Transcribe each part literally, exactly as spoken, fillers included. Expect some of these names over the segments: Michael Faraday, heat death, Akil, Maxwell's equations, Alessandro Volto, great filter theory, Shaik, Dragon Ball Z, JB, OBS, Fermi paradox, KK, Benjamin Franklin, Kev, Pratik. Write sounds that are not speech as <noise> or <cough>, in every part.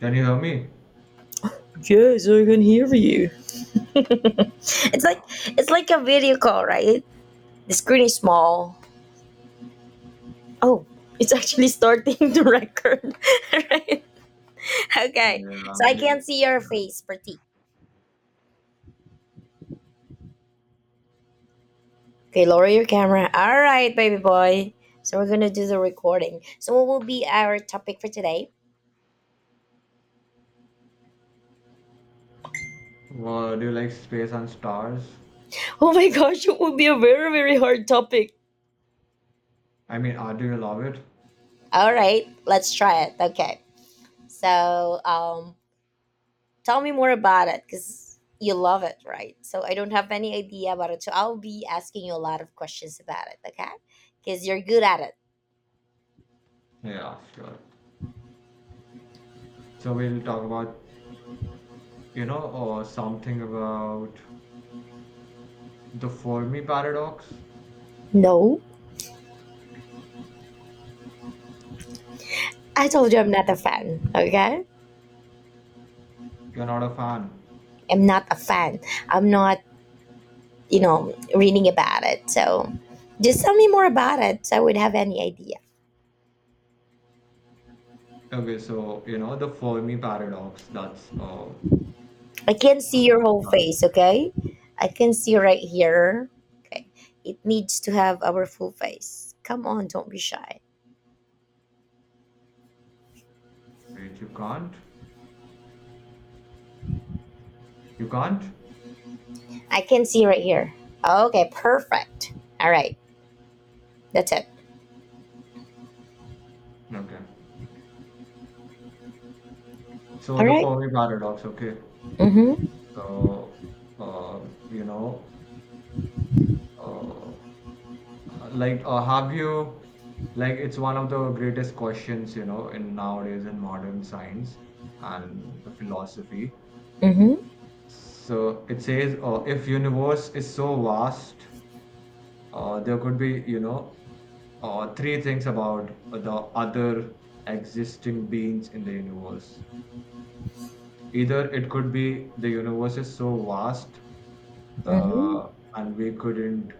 Can you hear me? Yes, I can hear you. It's like it's like a video call, right? The screen is small. Oh, it's actually starting <laughs> to record. <laughs> Right? Okay. Yeah. So I We, can't see your face, pretty. Okay, lower your camera. Alright, baby boy. So we're gonna do the recording. So what will be our topic for today? well, do you like space and stars? Oh my gosh, it will be a very, very hard topic. I mean, uh, do you love it? Alright, let's try it. Okay. So um Tell me more about it because you love it, right? So I don't have any idea about it. So I'll be asking you a lot of questions about it, okay? Because you're good at it. Yeah, sure. So we'll talk about, you know, or something about the Fermi paradox. No, I told you I'm not a fan, okay? You're not a fan. I'm not a fan. I'm not, you know, reading about it. So just tell me more about it so I would have any idea. Okay, so you know the Fermi paradox. That's uh, I can't see your whole that, face, okay? I can see right here. Okay. It needs to have our full face. Come on, don't be shy. Wait, you can't, you can't. I can see right here. Okay, perfect. All right, that's it. Okay. So All the right. Fermi paradox. Okay. Mm-hmm. So uh, you know, uh, like uh, have you like it's one of the greatest questions, you know, in nowadays in modern science and the philosophy. Mm-hmm. So it says, uh, if universe is so vast, uh, there could be, you know uh, three things about the other existing beings in the universe. Either it could be the universe is so vast Mm-hmm. uh, and we couldn't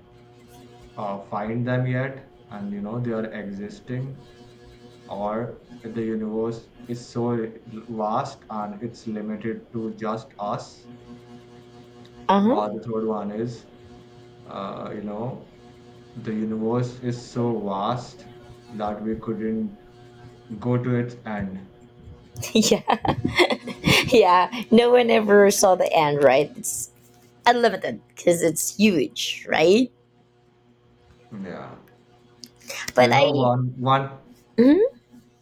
uh, find them yet, and you know, they are existing, or the universe is so vast and it's limited to just us. Uh-huh. Uh, the <laughs> third one is, uh, you know, the universe is so vast that we couldn't go to its end. Yeah. <laughs> Yeah. No one ever saw the end, right? It's unlimited because it's huge, right? Yeah. So, But you know, I. one, one, hmm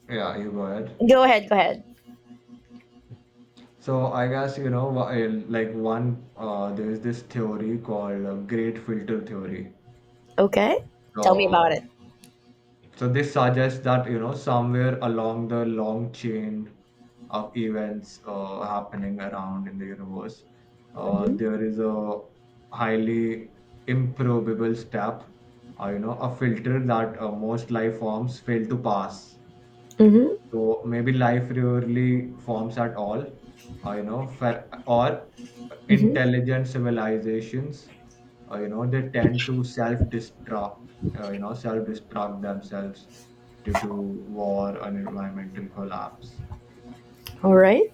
yeah, you go ahead. Go ahead. Go ahead. So, I guess, you know, wh- uh, like one, uh, there's this theory called uh, great filter theory. Okay. Tell me So, about it. So this suggests that you know somewhere along the long chain of events uh, happening around in the universe, uh, Mm-hmm. there is a highly improbable step, uh, you know, a filter that uh, most life forms fail to pass. Mm-hmm. So maybe life rarely forms at all, uh, you know, for, or Mm-hmm. intelligent civilizations, uh, you know, they tend to self-destruct, uh, you know, self-destruct themselves due to war and environmental collapse. All right.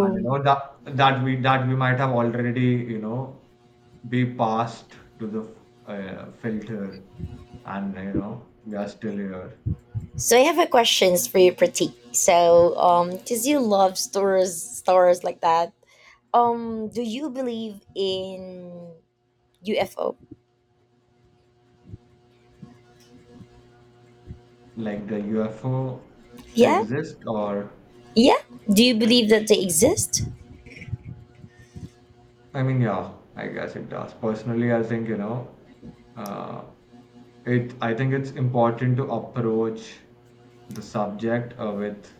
And you know that that we that we might have already, you know, be passed to the uh, filter, and you know, we are still here. So I have a questions for you, Pratik. So, um, because you love stores, stores like that. Um, do you believe in U F O? Like the U F O Yeah, exists, or yeah. Do you believe that they exist? I mean, yeah, I guess it does. Personally, I think, you know, uh, it, I think it's important to approach the subject uh, with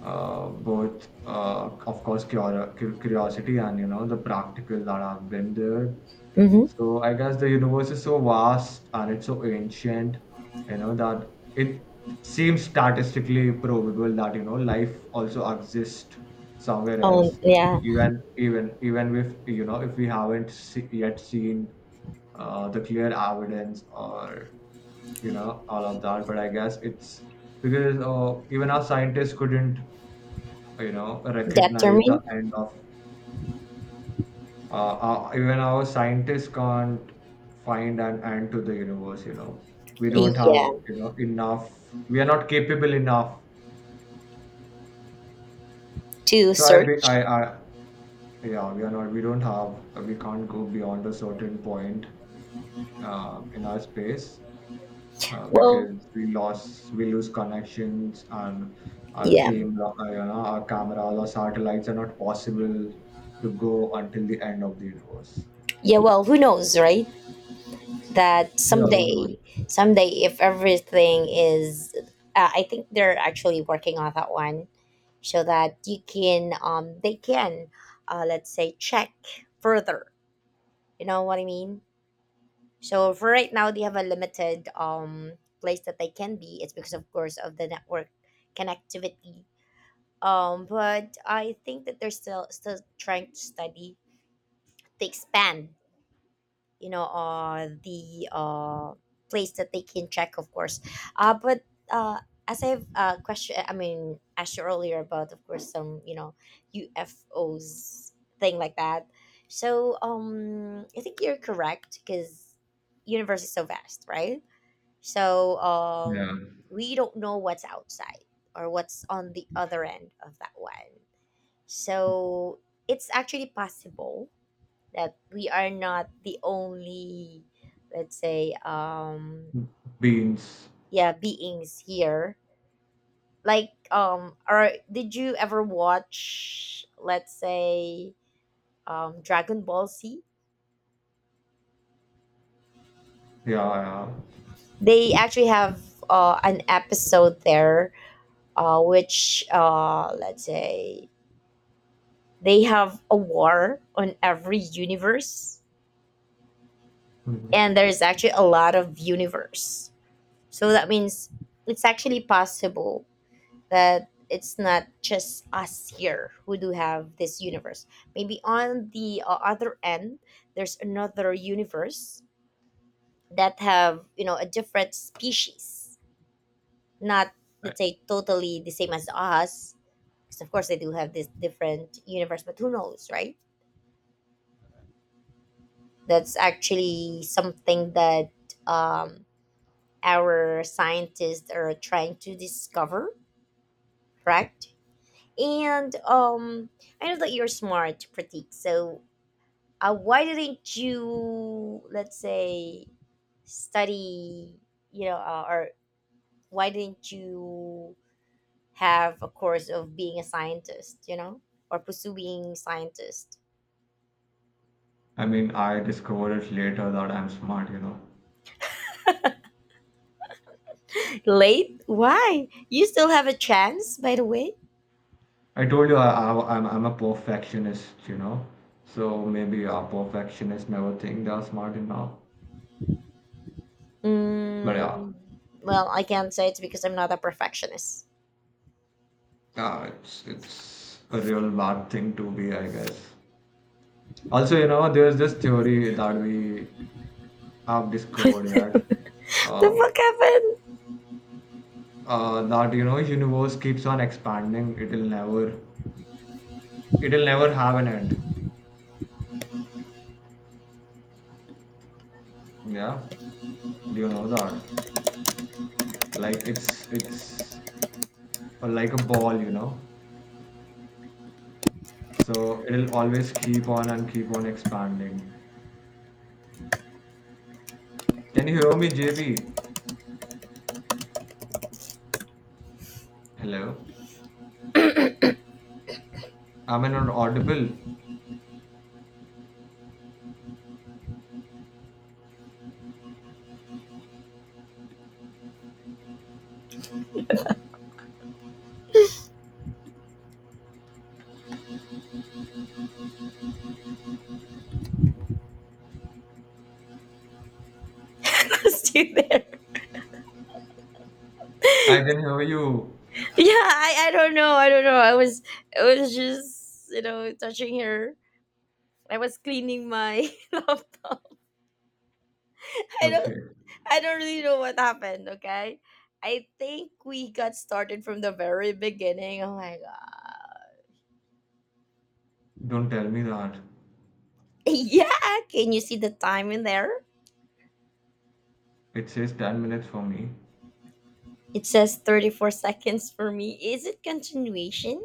uh, both, uh, of course, cura- cu- curiosity and, you know, the practical that have been there. Mm-hmm. So I guess the universe is so vast and it's so ancient, you know, that it seems statistically probable that, you know, life also exists somewhere Um, else. Yeah, Even even even if, you know, if we haven't se yet seen uh, the clear evidence, or, you know, all of that. But I guess it's because uh, even our scientists couldn't, you know, recognize determine. the end of, uh, uh, even our scientists can't find an end to the universe, you know. We don't Yeah, have, you know, enough, we are not capable enough. to So i be- i search. i yeah, we are not we don't have we can't go beyond a certain point uh, in our space, uh, Well, because we lost we lose connections, and our yeah, camera uh, you know our cameras or satellites are not possible to go until the end of the universe. yeah. Well, who knows, right? That Yeah, who knows. someday, someday, if everything is, uh, I think they're actually working on that one, so that you can, um, they can, uh, let's say, check further. You know what I mean? So for right now, they have a limited um place that they can be. It's because of course of the network connectivity. Um, but I think that they're still still trying to study to expand. You know, uh, the uh place that they can check, of course. Uh, but uh, as I've uh question, I mean, asked you earlier about, of course, some you know U F Os thing like that. So um, I think you're correct because universe is so vast, right? So Yeah, um, we don't know what's outside or what's on the other end of that one. So it's actually possible that we are not the only, let's say, um, beings. yeah, beings here. Like, um, or did you ever watch, let's say, um, Dragon Ball Z? Yeah, yeah. They actually have uh, an episode there, uh, which, uh, let's say, they have a war on every universe, Mhm. and there's actually a lot of universe, so that means it's actually possible that it's not just us here who do have this universe. Maybe on the uh, other end there's another universe that have you know a different species, not I, let's say totally the same as us, because of course they do have this different universe, but who knows, right? That's actually something that um, our scientists are trying to discover, correct? And um, I know that you're smart, Pratik. So uh, why didn't you, let's say, study, you know, uh, or why didn't you have a course of being a scientist, you know, or pursuing scientist? I mean, I discovered it later that I'm smart, you know. <laughs> Late? Why? You still have a chance, by the way. I told you I, I, I'm, I'm a perfectionist, you know. So maybe a perfectionist never think they're smart enough. But yeah, Mm, well, I can't say it's because I'm not a perfectionist. yeah, it's it's a real bad thing to be, I guess. Also, you know, there's this theory that we have discovered yet, The uh, fuck happened? uh, that you know, universe keeps on expanding. It'll never, it'll never have an end. Yeah, do you know that? Like it's it's uh, like a ball, you know, so it'll always keep on and keep on expanding. Can you hear me, J B? Hello, am I not audible? <laughs> Let's do there. I can hear you. Yeah, I, I don't know. I don't know. I was I was just you know touching her. I was cleaning my <laughs> laptop. I don't Okay, I don't really know what happened. Okay. I think we got started from the very beginning. Oh my god. <laughs> don't tell me that. Yeah, can you see the time in there? It says ten minutes for me. It says thirty-four seconds for me. Is it continuation?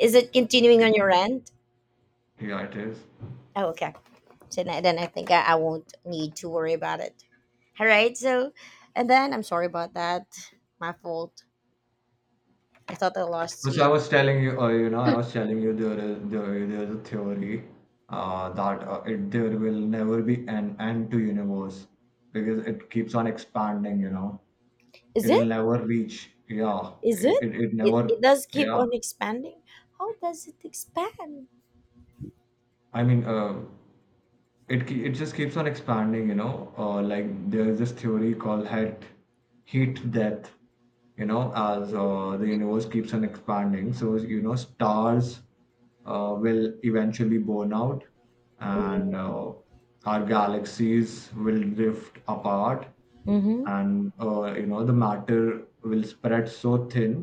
Is it continuing it, on your end? yeah, it is. Oh, okay. Tonight then I think I, I won't need to worry about it. All right, so and then I'm sorry about that. My fault. I thought I lost So you. I was telling you, uh, you know I was telling you there is there, there's a theory uh, that uh, it there will never be an end to universe because it keeps on expanding, you know. Is It'll it, never reach, yeah, is it, it, it, it it, never. it does keep Yeah, on expanding. How does it expand? I mean, uh, it ke- it just keeps on expanding, you know. Uh, like, there's this theory called heat heat death. You know, as uh, the universe keeps on expanding, so you know, stars uh, will eventually burn out, and Mm-hmm. uh, our galaxies will drift apart, Mm-hmm. and uh, you know, the matter will spread so thin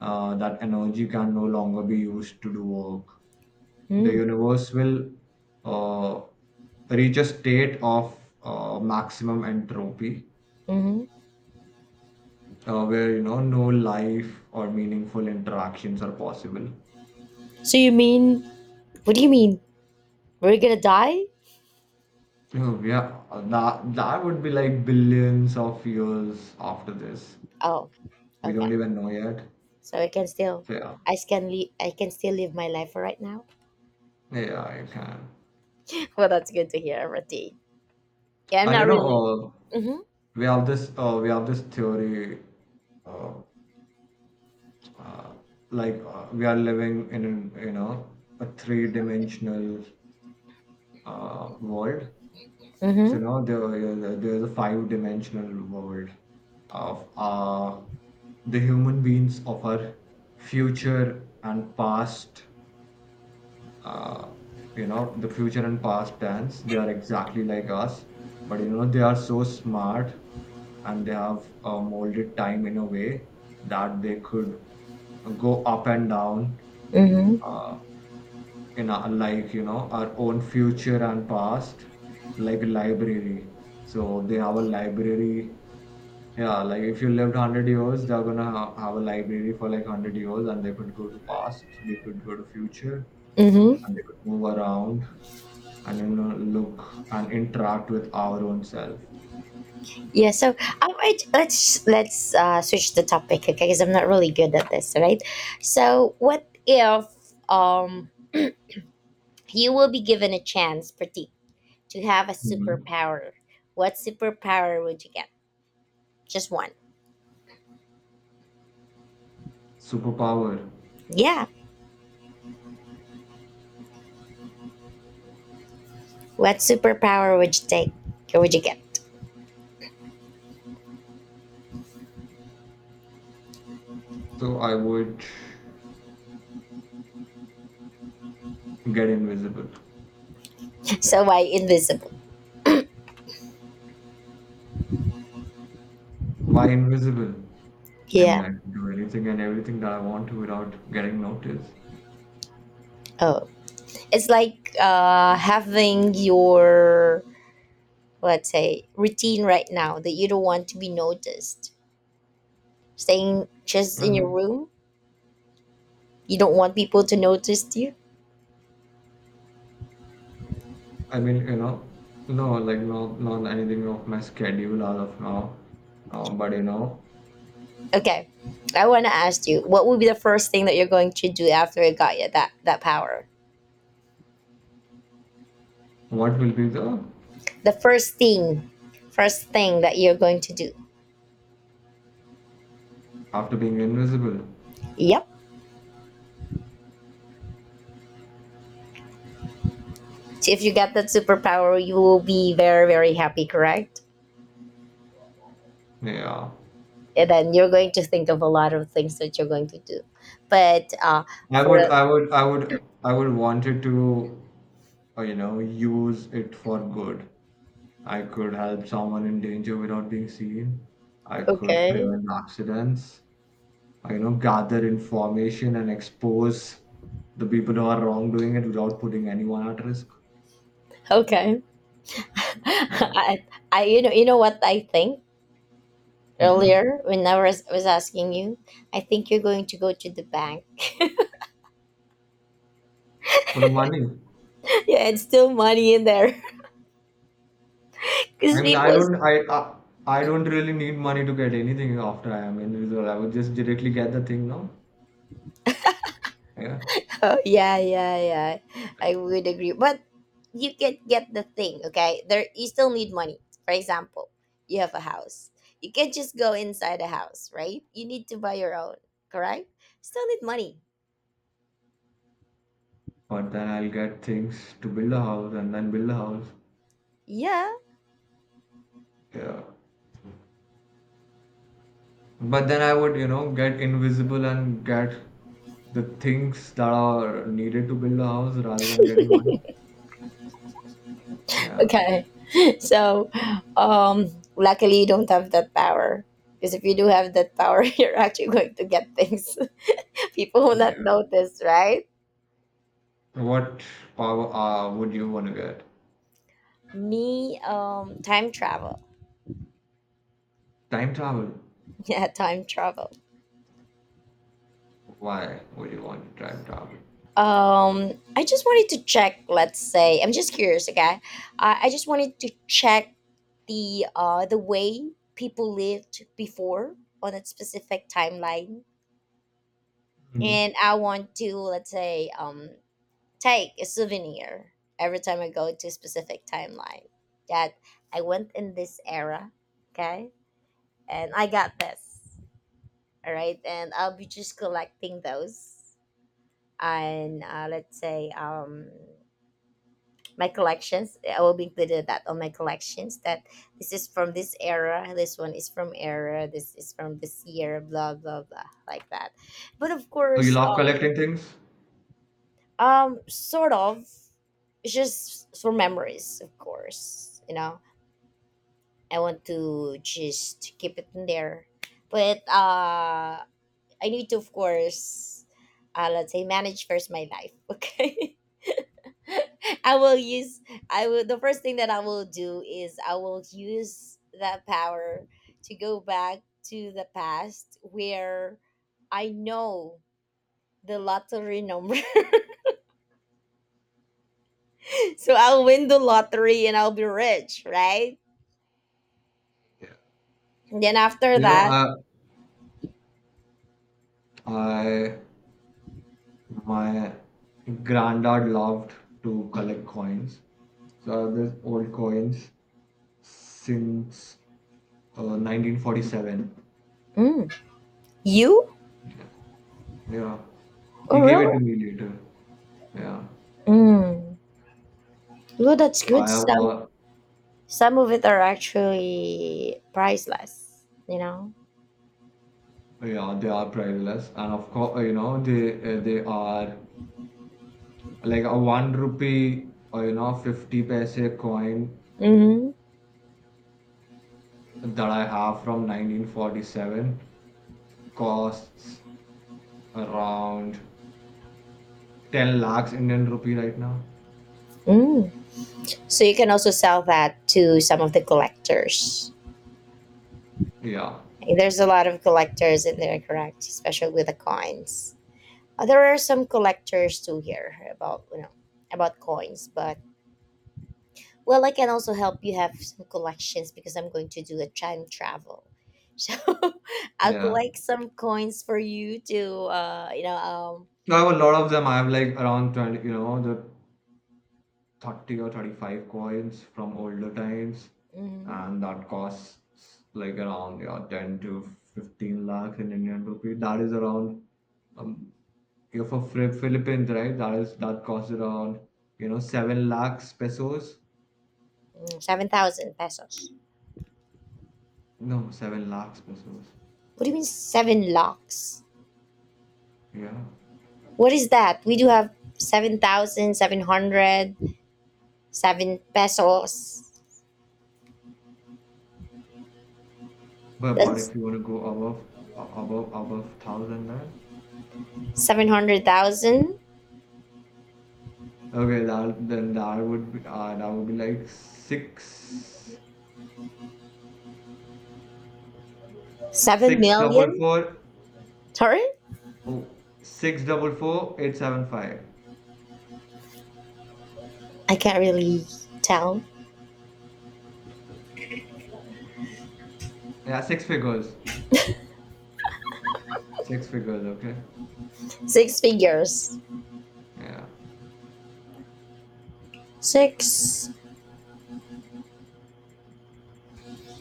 uh, that energy can no longer be used to do work. The universe will uh, reach a state of uh, maximum entropy, Mm-hmm. uh, where you know no life or meaningful interactions are possible. So you mean, what do you mean, we're gonna die? Oh, yeah, that that would be like billions of years after this. Oh, We don't okay. even know yet. So I can still, So, yeah, i can le- I can still live my life for right now. yeah, you can. <laughs> Well that's good to hear, Rati. Yeah I'm And not you know, really. Uh, mm-hmm. we have this uh, we have this theory, uh, uh, like uh, we are living in an, you know a three-dimensional uh, world. So Mm-hmm. you know there, there's a five-dimensional world of uh, the human beings of our future and past. uh, you know, the future and past tense, they are exactly like us, but you know they are so smart, and they have uh, molded time in a way that they could go up and down Mm-hmm. uh, in our, like you know our own future and past, like a library. So they have a library. Yeah, like if you lived one hundred years they're gonna ha- have a library for like one hundred years, and they could go to past, they could go to future, Mm-hmm. and they could move around, and you know, look and interact with our own self. Yeah, so um, I, let's let's uh, switch the topic, okay? Because I'm not really good at this, right? So, what if um you will be given a chance, Pratik, to have a Mhm. superpower? What superpower would you get? Just one. Superpower. Yeah. What superpower would you take? Or would you get? So I would get invisible. <laughs> So why invisible? Why invisible? I mean, Yeah. I can do anything and everything that I want to without getting noticed. Oh, it's like uh having your let's say routine right now that you don't want to be noticed, staying just I in your mean, room. You don't want people to notice you? I mean, you know, no, like not not anything of my schedule as of now. Uh, but you know, Okay. I want to ask you, what would be the first thing that you're going to do after you got you that that power? what will be the The first thing, first thing that you're going to do. after being invisible? Yep. So if you get that superpower, you will be very very happy, correct? Yeah, And then you're going to think of a lot of things that you're going to do. But uh, I for would, I would, I would, I would want it to, uh, you know, use it for good. I could help someone in danger without being seen. I could okay, prevent accidents. I, you know, gather information and expose the people who are wrongdoing it without putting anyone at risk. okay, <laughs> Yeah. I, I you know you know what I think Hmm. earlier when I was, was asking you, I think you're going to go to the bank. For the money. Yeah, it's still money in there. <laughs> Because I mean, people. I Is, don't, I, I, I don't really need money to get anything after I am individual. I would just directly get the thing now. Yeah. oh yeah, yeah, yeah. I would agree, but you can get the thing. Okay, there you still need money. For example, you have a house. You can't just go inside a house, right? You need to buy your own. Correct? Still need money. But then I'll get things to build a house and then build a house. Yeah. Yeah. But then I would, you know, get invisible and get the things that are needed to build a house rather than getting money. Yeah, Okay. <laughs> So, um, luckily you don't have that power. Because if you do have that power, <laughs> you're actually going to get things. <laughs> People will not yeah. notice, right? What power uh, would you want to get? Me um time travel. Time travel. <laughs> Yeah, time travel. Why would you want to time travel? Um, I just wanted to check. Let's say I'm just curious. Okay, I, I just wanted to check the uh the way people lived before on a specific timeline, Hmm. and I want to let's say um take a souvenir every time I go to a specific timeline, that I went in this era. Okay, and I got this. All right, and I'll be just collecting those, and uh, let's say um my collections. I will be included that on my collections. That this is from this era. This one is from era. This is from this year. Blah blah blah, like that. But of So you course, love um, collecting things? um, sort of it's just for memories, of course. You know, I want to just keep it in there, but uh, I need to, of course, uh, let's say manage first my life. <laughs> Okay. <laughs> I will use I will, the first thing that I will do is I will use that power to go back to the past where I know the lottery number. <laughs> So I'll win the lottery and I'll be rich, right? And then after You know, that, I, I, my granddad loved to collect coins. So I have these old coins since uh, nineteen forty-seven. mm, you? Yeah. Oh He gave it really? to me later. Yeah. Mm. Well, that's So good. I have Some all, some of it are actually priceless, you know. yeah, they are priceless. And of course, you know, they uh, they are like a one rupee or, you know, fifty paise coin Mm-hmm. that I have from nineteen forty-seven costs around ten lakhs Indian rupee right now. Mm. So you can also sell that to some of the collectors. Yeah. There's a lot of collectors in there, correct? Especially with the coins. Uh, There are some collectors too here about you know about coins, but well, I can also help you have some collections because I'm going to do a time travel. So <laughs> I'll Yeah. collect some coins for you to uh you know um So I have a lot of them. I have like around twenty, you know, the thirty or thirty-five coins from older times, mhm, and that costs like around, yeah, ten to fifteen lakhs in Indian rupee. That is around um, you know, for Phil- Philippines, right? That is that costs around, you know, seven lakhs pesos. seven thousand pesos. No, seven lakhs pesos. What do you mean seven locks? Yeah, What is that? We do have seven thousand seven hundred. Seven pesos. but but That's if you want to go above a- above above thousand, then seven hundred thousand, okay, that then that would be uh, that would be like six seven six double million. four Sorry? Oh, six double four. eight seven five. I can't really tell. Yeah, six figures. Six figures, okay. Six figures. Yeah. Six.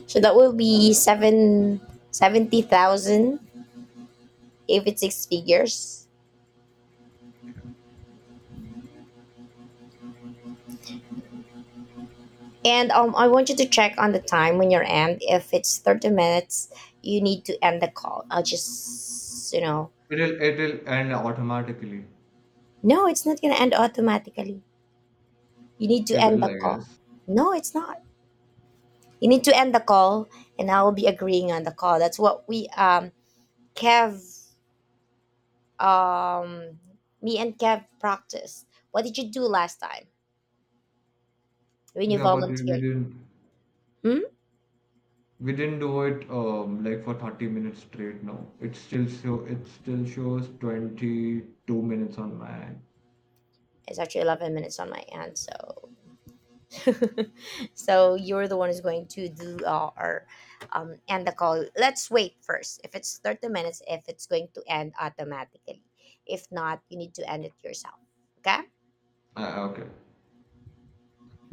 So that will be seven seventy thousand. If it's six figures. And um, I want you to check on the time when you're end. If it's thirty minutes, you need to end the call. I'll just, you know. It'll it'll end automatically. No, it's not going to end automatically. You need It to end will, the I call. guess. No, it's not. You need to end the call, and I will be agreeing on the call. That's what we um Kev um me and Kev practiced. What did you do last time when you Yeah, but we we volunteered? didn't Hmm? we didn't do it um like for thirty minutes straight, no. It still show it still shows twenty-two minutes on my end. It's actually eleven minutes on my end, so <laughs> so you're the one who's going to do uh, or um end the call. Let's wait first. If it's thirty minutes, if it's going to end automatically, if not, you need to end it yourself. Okay. Uh, okay.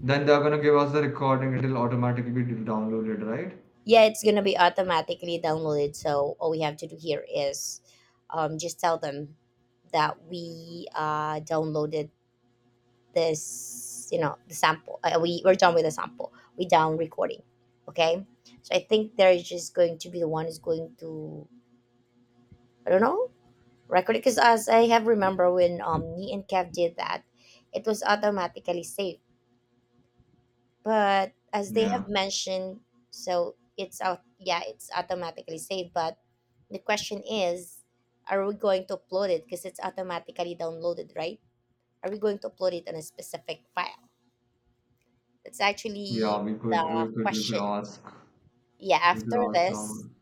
Then they're gonna give us the recording, it'll automatically be downloaded, right? Yeah, it's gonna be automatically downloaded, so all we have to do here is um, just tell them that we uh, downloaded this you know the sample. uh, we, we're done with the sample. We down recording. Okay. So I think they're just going to be the one who's going to, I don't know, record it, because as I have remember when um, me and Kev did that, it was automatically saved. But as they have Yeah. mentioned, so it's out. Yeah, it's automatically saved, but the question is, are we going to upload it? Because it's automatically downloaded, right? Are we going to upload it on a specific file? That's actually Yeah, we could we the could we could question. Ask yeah, we could after ask this, someone.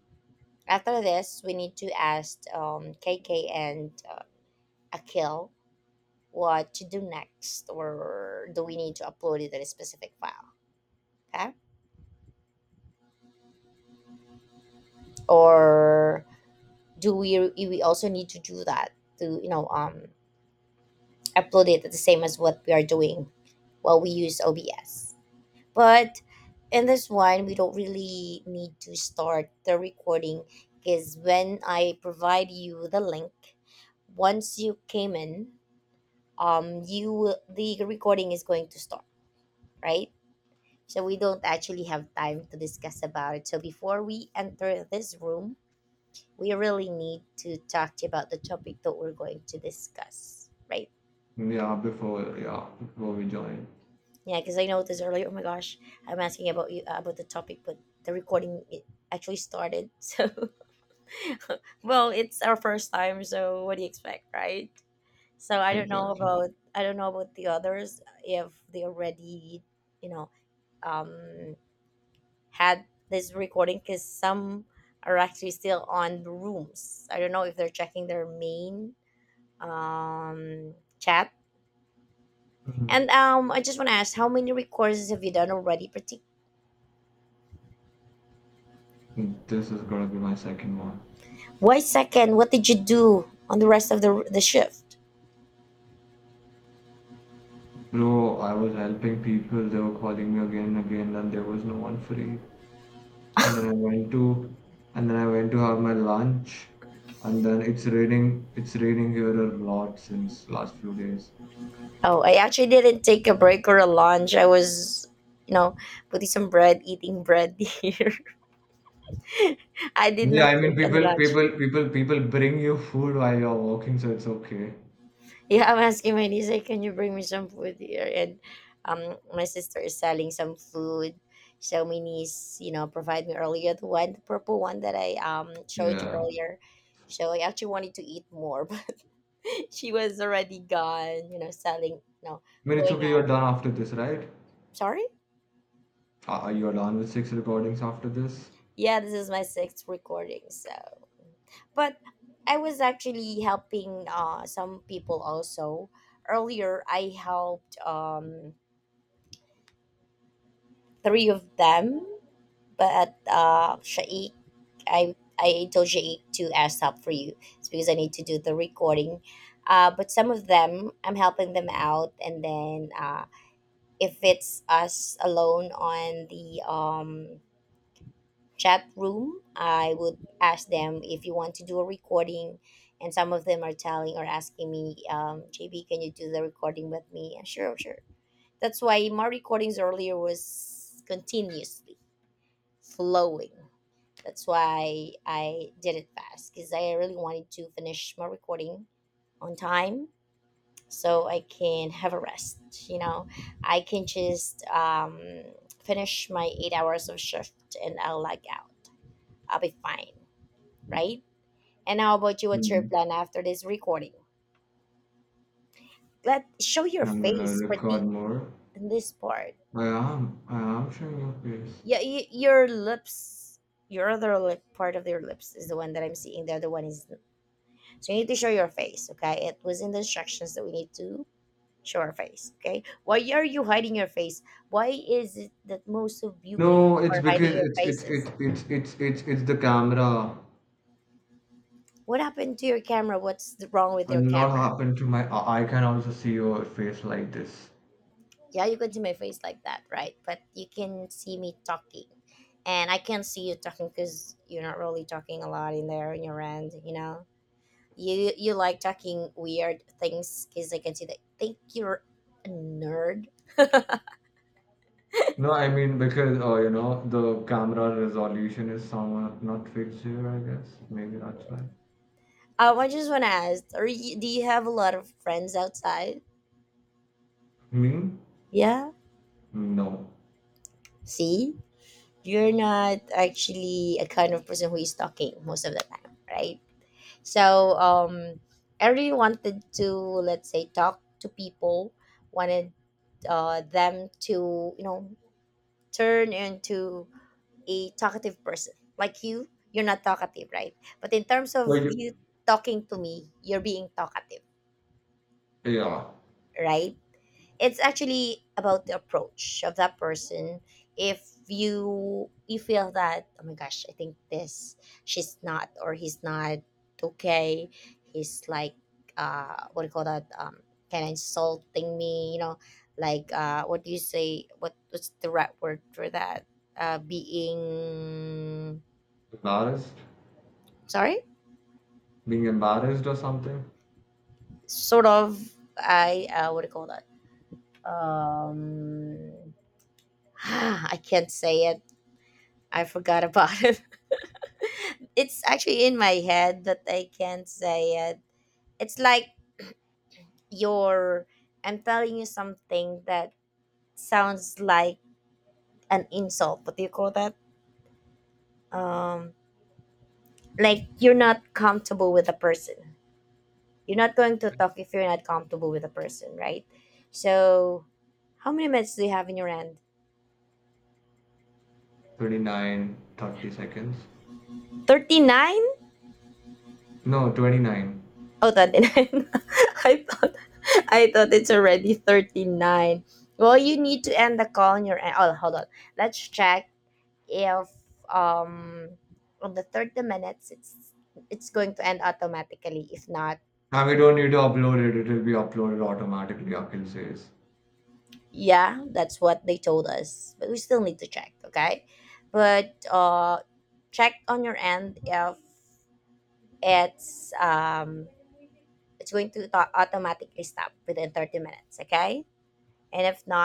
after this we need to ask um, KK and uh, Akil what to do next, or do we need to upload it in a specific file? Okay. Or do we we also need to do that, to you know um upload it the same as what we are doing while we use O B S. But in this one, we don't really need to start the recording, because when I provide you the link, once you came in, um, you will, the recording is going to start, right? So we don't actually have time to discuss about it. So before we enter this room, we really need to talk to you about the topic that we're going to discuss, right? Yeah, before yeah, before we join. Yeah, because I noticed earlier. Oh my gosh, I'm asking about you uh, about the topic, but the recording it actually started. <laughs> So, <laughs> well, it's our first time, so what do you expect, right? So I don't know Exactly. about I don't know about the others if they already you know um had this recording, because some are actually still on the rooms. I don't know if they're checking their main um chat. Mhm. And um, I just want to ask, how many recourses have you done already? Partic- This is gonna be my second one. Why second? What did you do on the rest of the the shift? Bro, I was helping people, they were calling me again and again, and there was no one free. And then I went to and then I went to have my lunch. And then it's raining it's raining here a lot since last few days. Oh, I actually didn't take a break or a lunch. I was, you know, putting some bread, eating bread <laughs> here. I did Yeah, not I mean take any people lunch. people people people bring you food while you're walking, so it's okay. Yeah, I'm asking my niece, like, can you bring me some food here? And um, my sister is selling some food. So my niece, you know, provide me earlier the one, the purple one that I um showed you Yeah. earlier. So I actually wanted to eat more, <laughs> <laughs> she was already gone, you know, selling, no, I mean it's going okay, you're out. done after this, right? Sorry? Are are you done with six recordings after this? Yeah, this is my sixth recording. So, but I was actually helping uh, some people also. Earlier, I helped um, three of them, but uh, Shaik, I, I told Shaik to ask help for you. It's because I need to do the recording. Uh, but some of them, I'm helping them out, and then uh, if it's us alone on the um chat room, I would ask them if you want to do a recording. And some of them are telling or asking me, um, J B, can you do the recording with me? And sure, sure. That's why my recordings earlier was continuously flowing. That's why I did it fast, because I really wanted to finish my recording on time, so I can have a rest. You know, I can just um, finish my eight hours of shift and I'll lag out. I'll be fine, right? And how about you? What's your Mm, plan after this recording? Let show your I'm gonna face, record pretty, more. in this part. I am. I am showing your face. Yeah, y- your lips, your other lip part of your lips is the one that I'm seeing. The other one is, so you need to show your face. Okay, it was in the instructions that we need to show our face. Okay, why are you hiding your face? Why is it that most of you people No, it's are hiding because your it's it's it's faces? it's it's it's it's the camera. What happened to your camera? What's th- wrong with A your lot camera? happened to my. I I can also see your face like this. Yeah, you can see my face like that, right? But you can see me talking. And I can't see you talking, because you're not really talking a lot in there in your end, you know? You you like talking weird things, because I can see that. Think you're a nerd. No, I mean because uh, you know the camera resolution is somewhat not fixed here. I guess maybe that's why. Um, I just want to ask, are you, do you have a lot of friends outside? Me? Yeah? No. See? You're not actually a kind of person who is talking most of the time, right? So um, I really wanted to, let's say, talk to people, wanted uh, them to, you know, turn into a talkative person. Like you, you're not talkative, right? But in terms of Well, you, you talking to me, you're being talkative, yeah. right? It's actually about the approach of that person. If you you feel that, oh my gosh, I think this, she's not or he's not okay, he's like, uh what do you call that, um kind of insulting me, you know, like, uh what do you say, what what's the right word for that? uh being, Embarrassed? sorry, Being embarrassed or something? sort of. I uh what do you call that? um <sighs> I can't say it. I forgot about <laughs> it. It's actually in my head that I can't say it. It's like you're, I'm telling you something that sounds like an insult. What do you call that? Um, like you're not comfortable with a person. You're not going to talk if you're not comfortable with a person, right? So how many minutes do you have in your hand? Twenty nine thirty seconds. thirty nine? No, twenty-nine. Oh, thirty nine. <laughs> I thought I thought it's already thirty nine. Well, you need to end the call on your end. Oh, hold on. Let's check if um on the thirty minutes it's it's going to end automatically, if not. Now we don't need to upload it, it will be uploaded automatically, Akhil says. Yeah, that's what they told us, but we still need to check. Okay, but uh check on your end if it's um it's going to au- automatically stop within thirty minutes. Okay, and if not